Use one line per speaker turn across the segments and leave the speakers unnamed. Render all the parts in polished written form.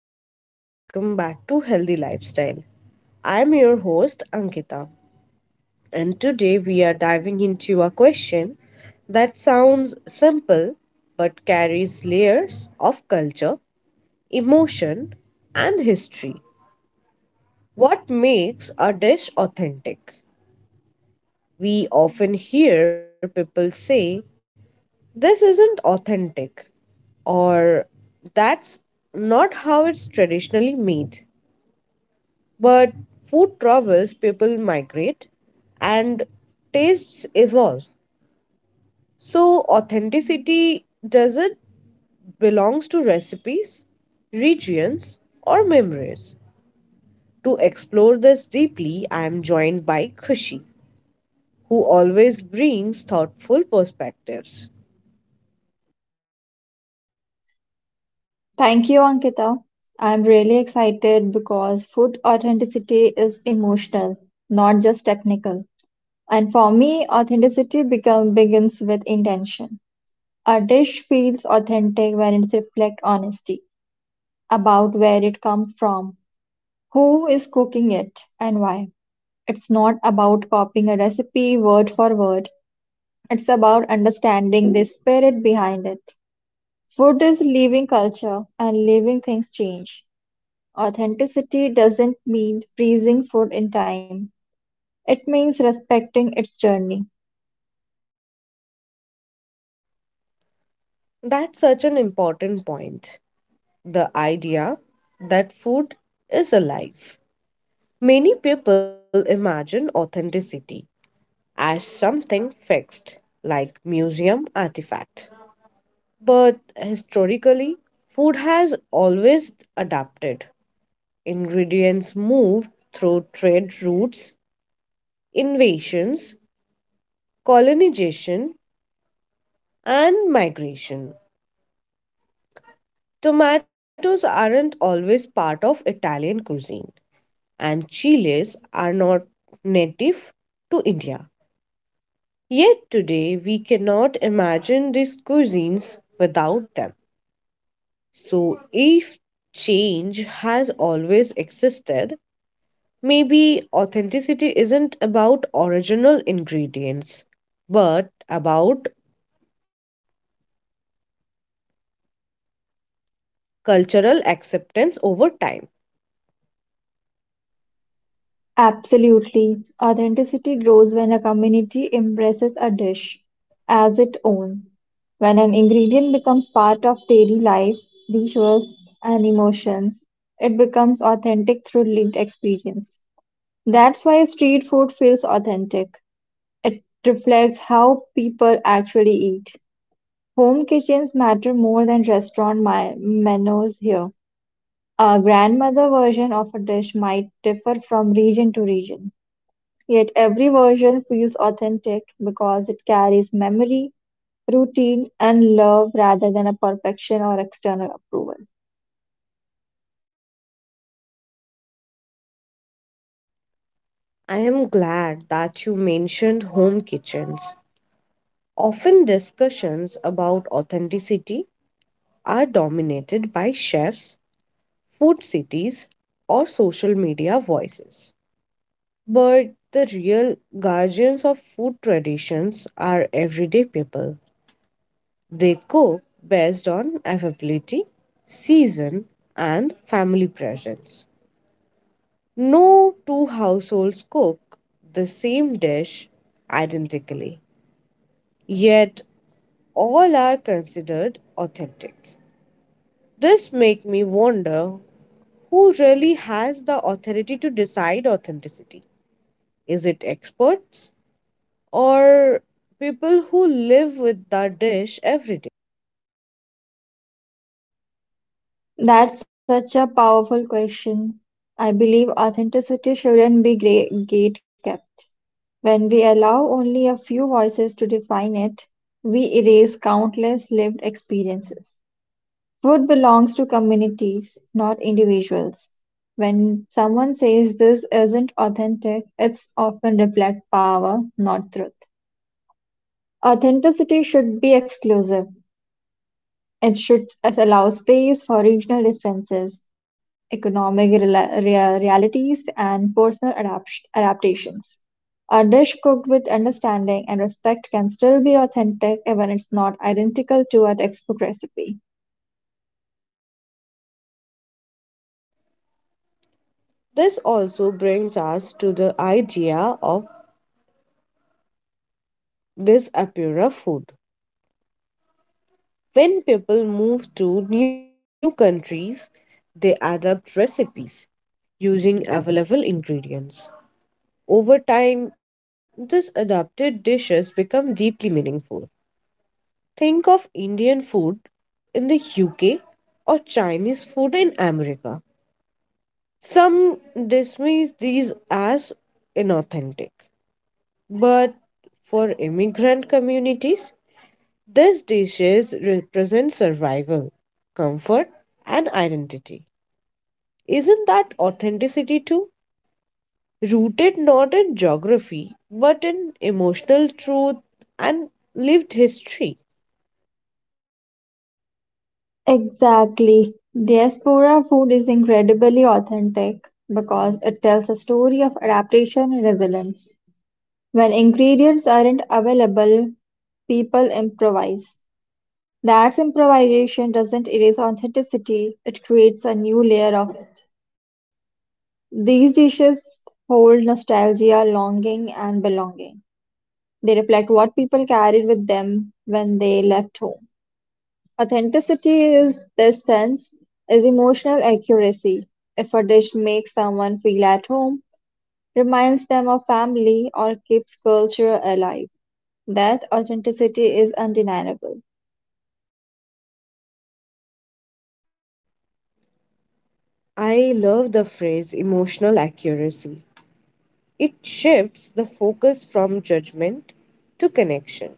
everyone, and welcome back to Healthy Lifestyle. I'm your host, Ankita, and today we are diving into a question that sounds simple but carries layers of culture, emotion, and history. What makes a dish authentic? We often hear people say, this isn't authentic, or that's not how it's traditionally made. But food travels, people migrate, and tastes evolve. So authenticity doesn't belongs to recipes, regions, or memories. To explore this deeply, I am joined by Khushi, who always brings thoughtful perspectives.
Thank you, Ankita. I'm really excited because food authenticity is emotional, not just technical. And for me, begins with intention. A dish feels authentic when it reflects honesty about where it comes from, who is cooking it, and why. It's not about copying a recipe word for word, it's about understanding the spirit behind it. Food is living culture, and living things change. Authenticity doesn't mean freezing food in time. It means respecting its journey.
That's such an important point. The idea that food is alive. Many people imagine authenticity as something fixed, like museum artifact. But historically, food has always adapted. Ingredients moved through trade routes, invasions, colonization, and migration. Tomatoes aren't always part of Italian cuisine, and chiles are not native to India. Yet today, we cannot imagine these cuisines without them. So, if change has always existed, maybe authenticity isn't about original ingredients, but about cultural acceptance over time.
Absolutely. Authenticity grows when a community embraces a dish as its own. When an ingredient becomes part of daily life, rituals, and emotions, it becomes authentic through lived experience. That's why street food feels authentic. It reflects how people actually eat. Home kitchens matter more than menus here. A grandmother version of a dish might differ from region to region, yet every version feels authentic because it carries memory, routine, and love rather than a perfection or external approval.
I am glad that you mentioned home kitchens. Often, discussions about authenticity are dominated by chefs, food cities, or social media voices. But the real guardians of food traditions are everyday people. They cook based on availability, season, and family presence. No two households cook the same dish identically, yet all are considered authentic. This makes me wonder, who really has the authority to decide authenticity? Is it experts, or people who live with that dish every day?
That's such a powerful question. I believe authenticity shouldn't be gate-kept. When we allow only a few voices to define it, we erase countless lived experiences. Food belongs to communities, not individuals. When someone says this isn't authentic, it's often reflect power, not truth. Authenticity should be exclusive. It should allow space for regional differences, realities, and adaptations. A dish cooked with understanding and respect can still be authentic even it's not identical to a textbook recipe.
This also brings us to the idea of this apura food. When people move to new countries, they adapt recipes using available ingredients. Over time, these adapted dishes become deeply meaningful. Think of Indian food in the UK or Chinese food in America. Some dismiss these as inauthentic, but for immigrant communities, these dishes represent survival, comfort, and identity. Isn't that authenticity too? Rooted not in geography, but in emotional truth and lived history.
Exactly. Diaspora food is incredibly authentic because it tells a story of adaptation and resilience. When ingredients aren't available, people improvise. That's improvisation doesn't erase authenticity, it creates a new layer of it. These dishes hold nostalgia, longing, and belonging. They reflect what people carried with them when they left home. Authenticity is this sense is emotional accuracy. If a dish makes someone feel at home, reminds them of family, or keeps culture alive, that authenticity is undeniable.
I love the phrase emotional accuracy. It shifts the focus from judgment to connection.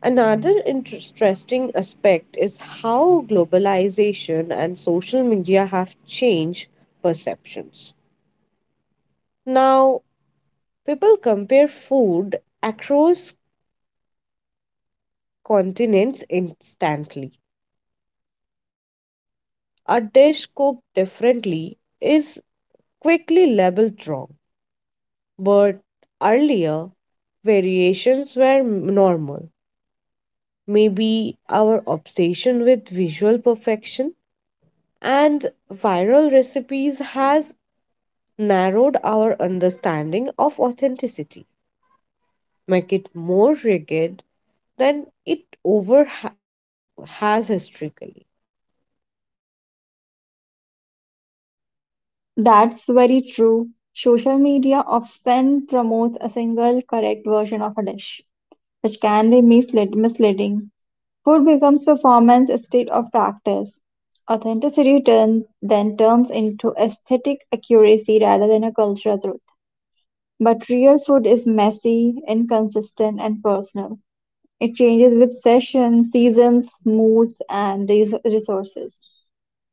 Another interesting aspect is how globalization and social media have changed perceptions. Now, people compare food across continents instantly. A dish cooked differently is quickly labeled wrong, but earlier variations were normal. Maybe our obsession with visual perfection and viral recipes has narrowed our understanding of authenticity, make it more rigid than it has historically.
That's very true. Social media often promotes a single correct version of a dish, which can be misleading. Food becomes performance instead of practice. Then turns into aesthetic accuracy rather than a cultural truth. But real food is messy, inconsistent, and personal. It changes with sessions, seasons, moods, and resources.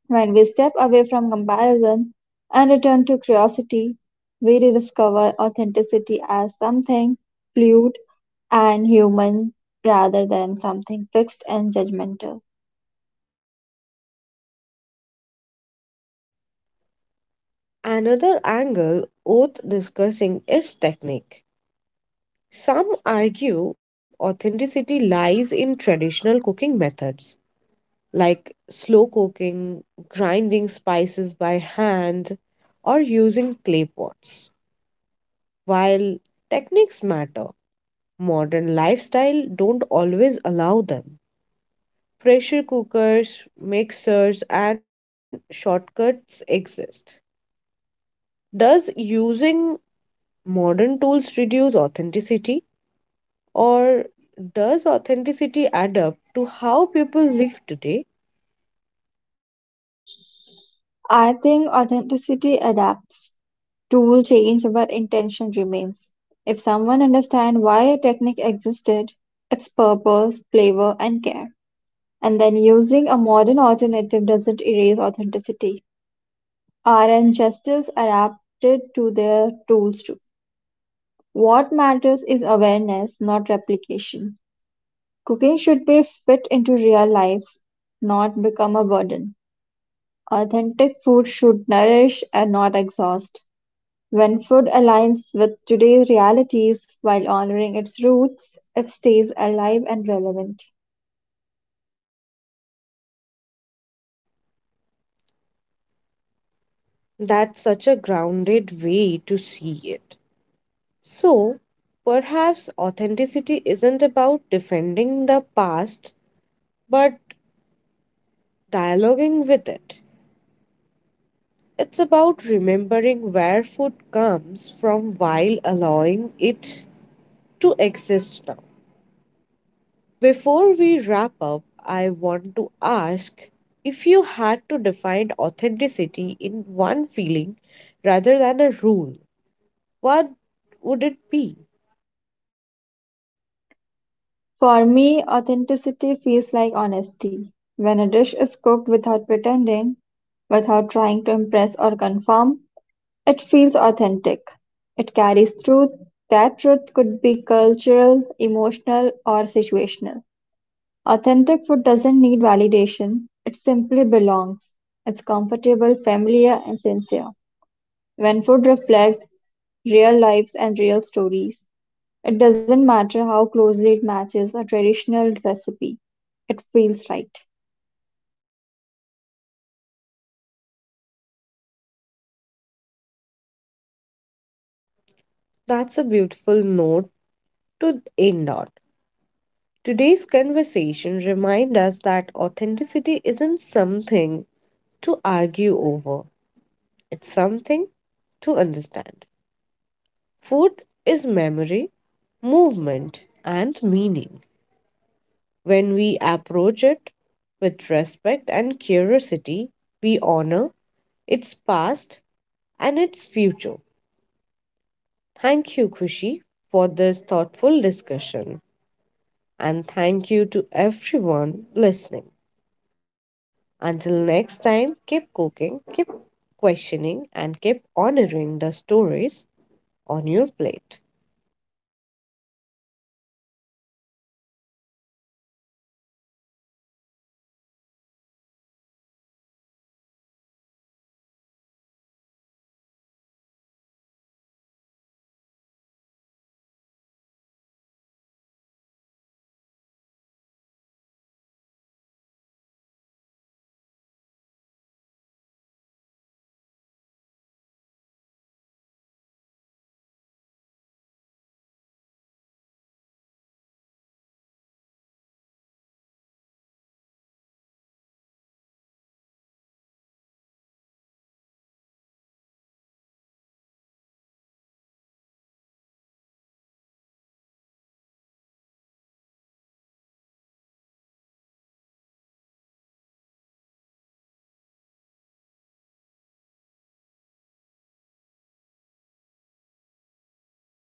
When we step away from comparison and return to curiosity, we rediscover authenticity as something fluid and human rather than something fixed and judgmental.
Another angle worth discussing is technique. Some argue authenticity lies in traditional cooking methods like slow cooking, grinding spices by hand, or using clay pots. While techniques matter, modern lifestyle don't always allow them, pressure cookers, mixers, and shortcuts exist. Does using modern tools reduce authenticity, or does authenticity add up to how people live today?
I think authenticity adapts, tool change, but intention remains. If someone understands why a technique existed, its purpose, flavor, and care, and then using a modern alternative doesn't erase authenticity. Our ancestors adapted to their tools too. What matters is awareness, not replication. Cooking should be fit into real life, not become a burden. Authentic food should nourish and not exhaust. When food aligns with today's realities while honoring its roots, it stays alive and relevant.
That's such a grounded way to see it. So, perhaps authenticity isn't about defending the past, but dialoguing with it. It's about remembering where food comes from while allowing it to exist now. Before we wrap up, I want to ask, if you had to define authenticity in one feeling rather than a rule, what would it be?
For me, authenticity feels like honesty. When a dish is cooked without pretending, without trying to impress or confirm, it feels authentic; it carries truth; that truth could be cultural, emotional, or situational. Authentic food doesn't need validation, it simply belongs. It's comfortable, familiar, and sincere. When food reflects real lives and real stories, it doesn't matter how closely it matches a traditional recipe, it feels right.
That's a beautiful note to end on. Today's conversation reminds us that authenticity isn't something to argue over, it's something to understand. Food is memory, movement, and meaning. When we approach it with respect and curiosity, we honor its past and its future. Thank you, Kushi, for this thoughtful discussion. And thank you to everyone listening. Until next time, keep cooking, keep questioning, and keep honoring the stories on your plate.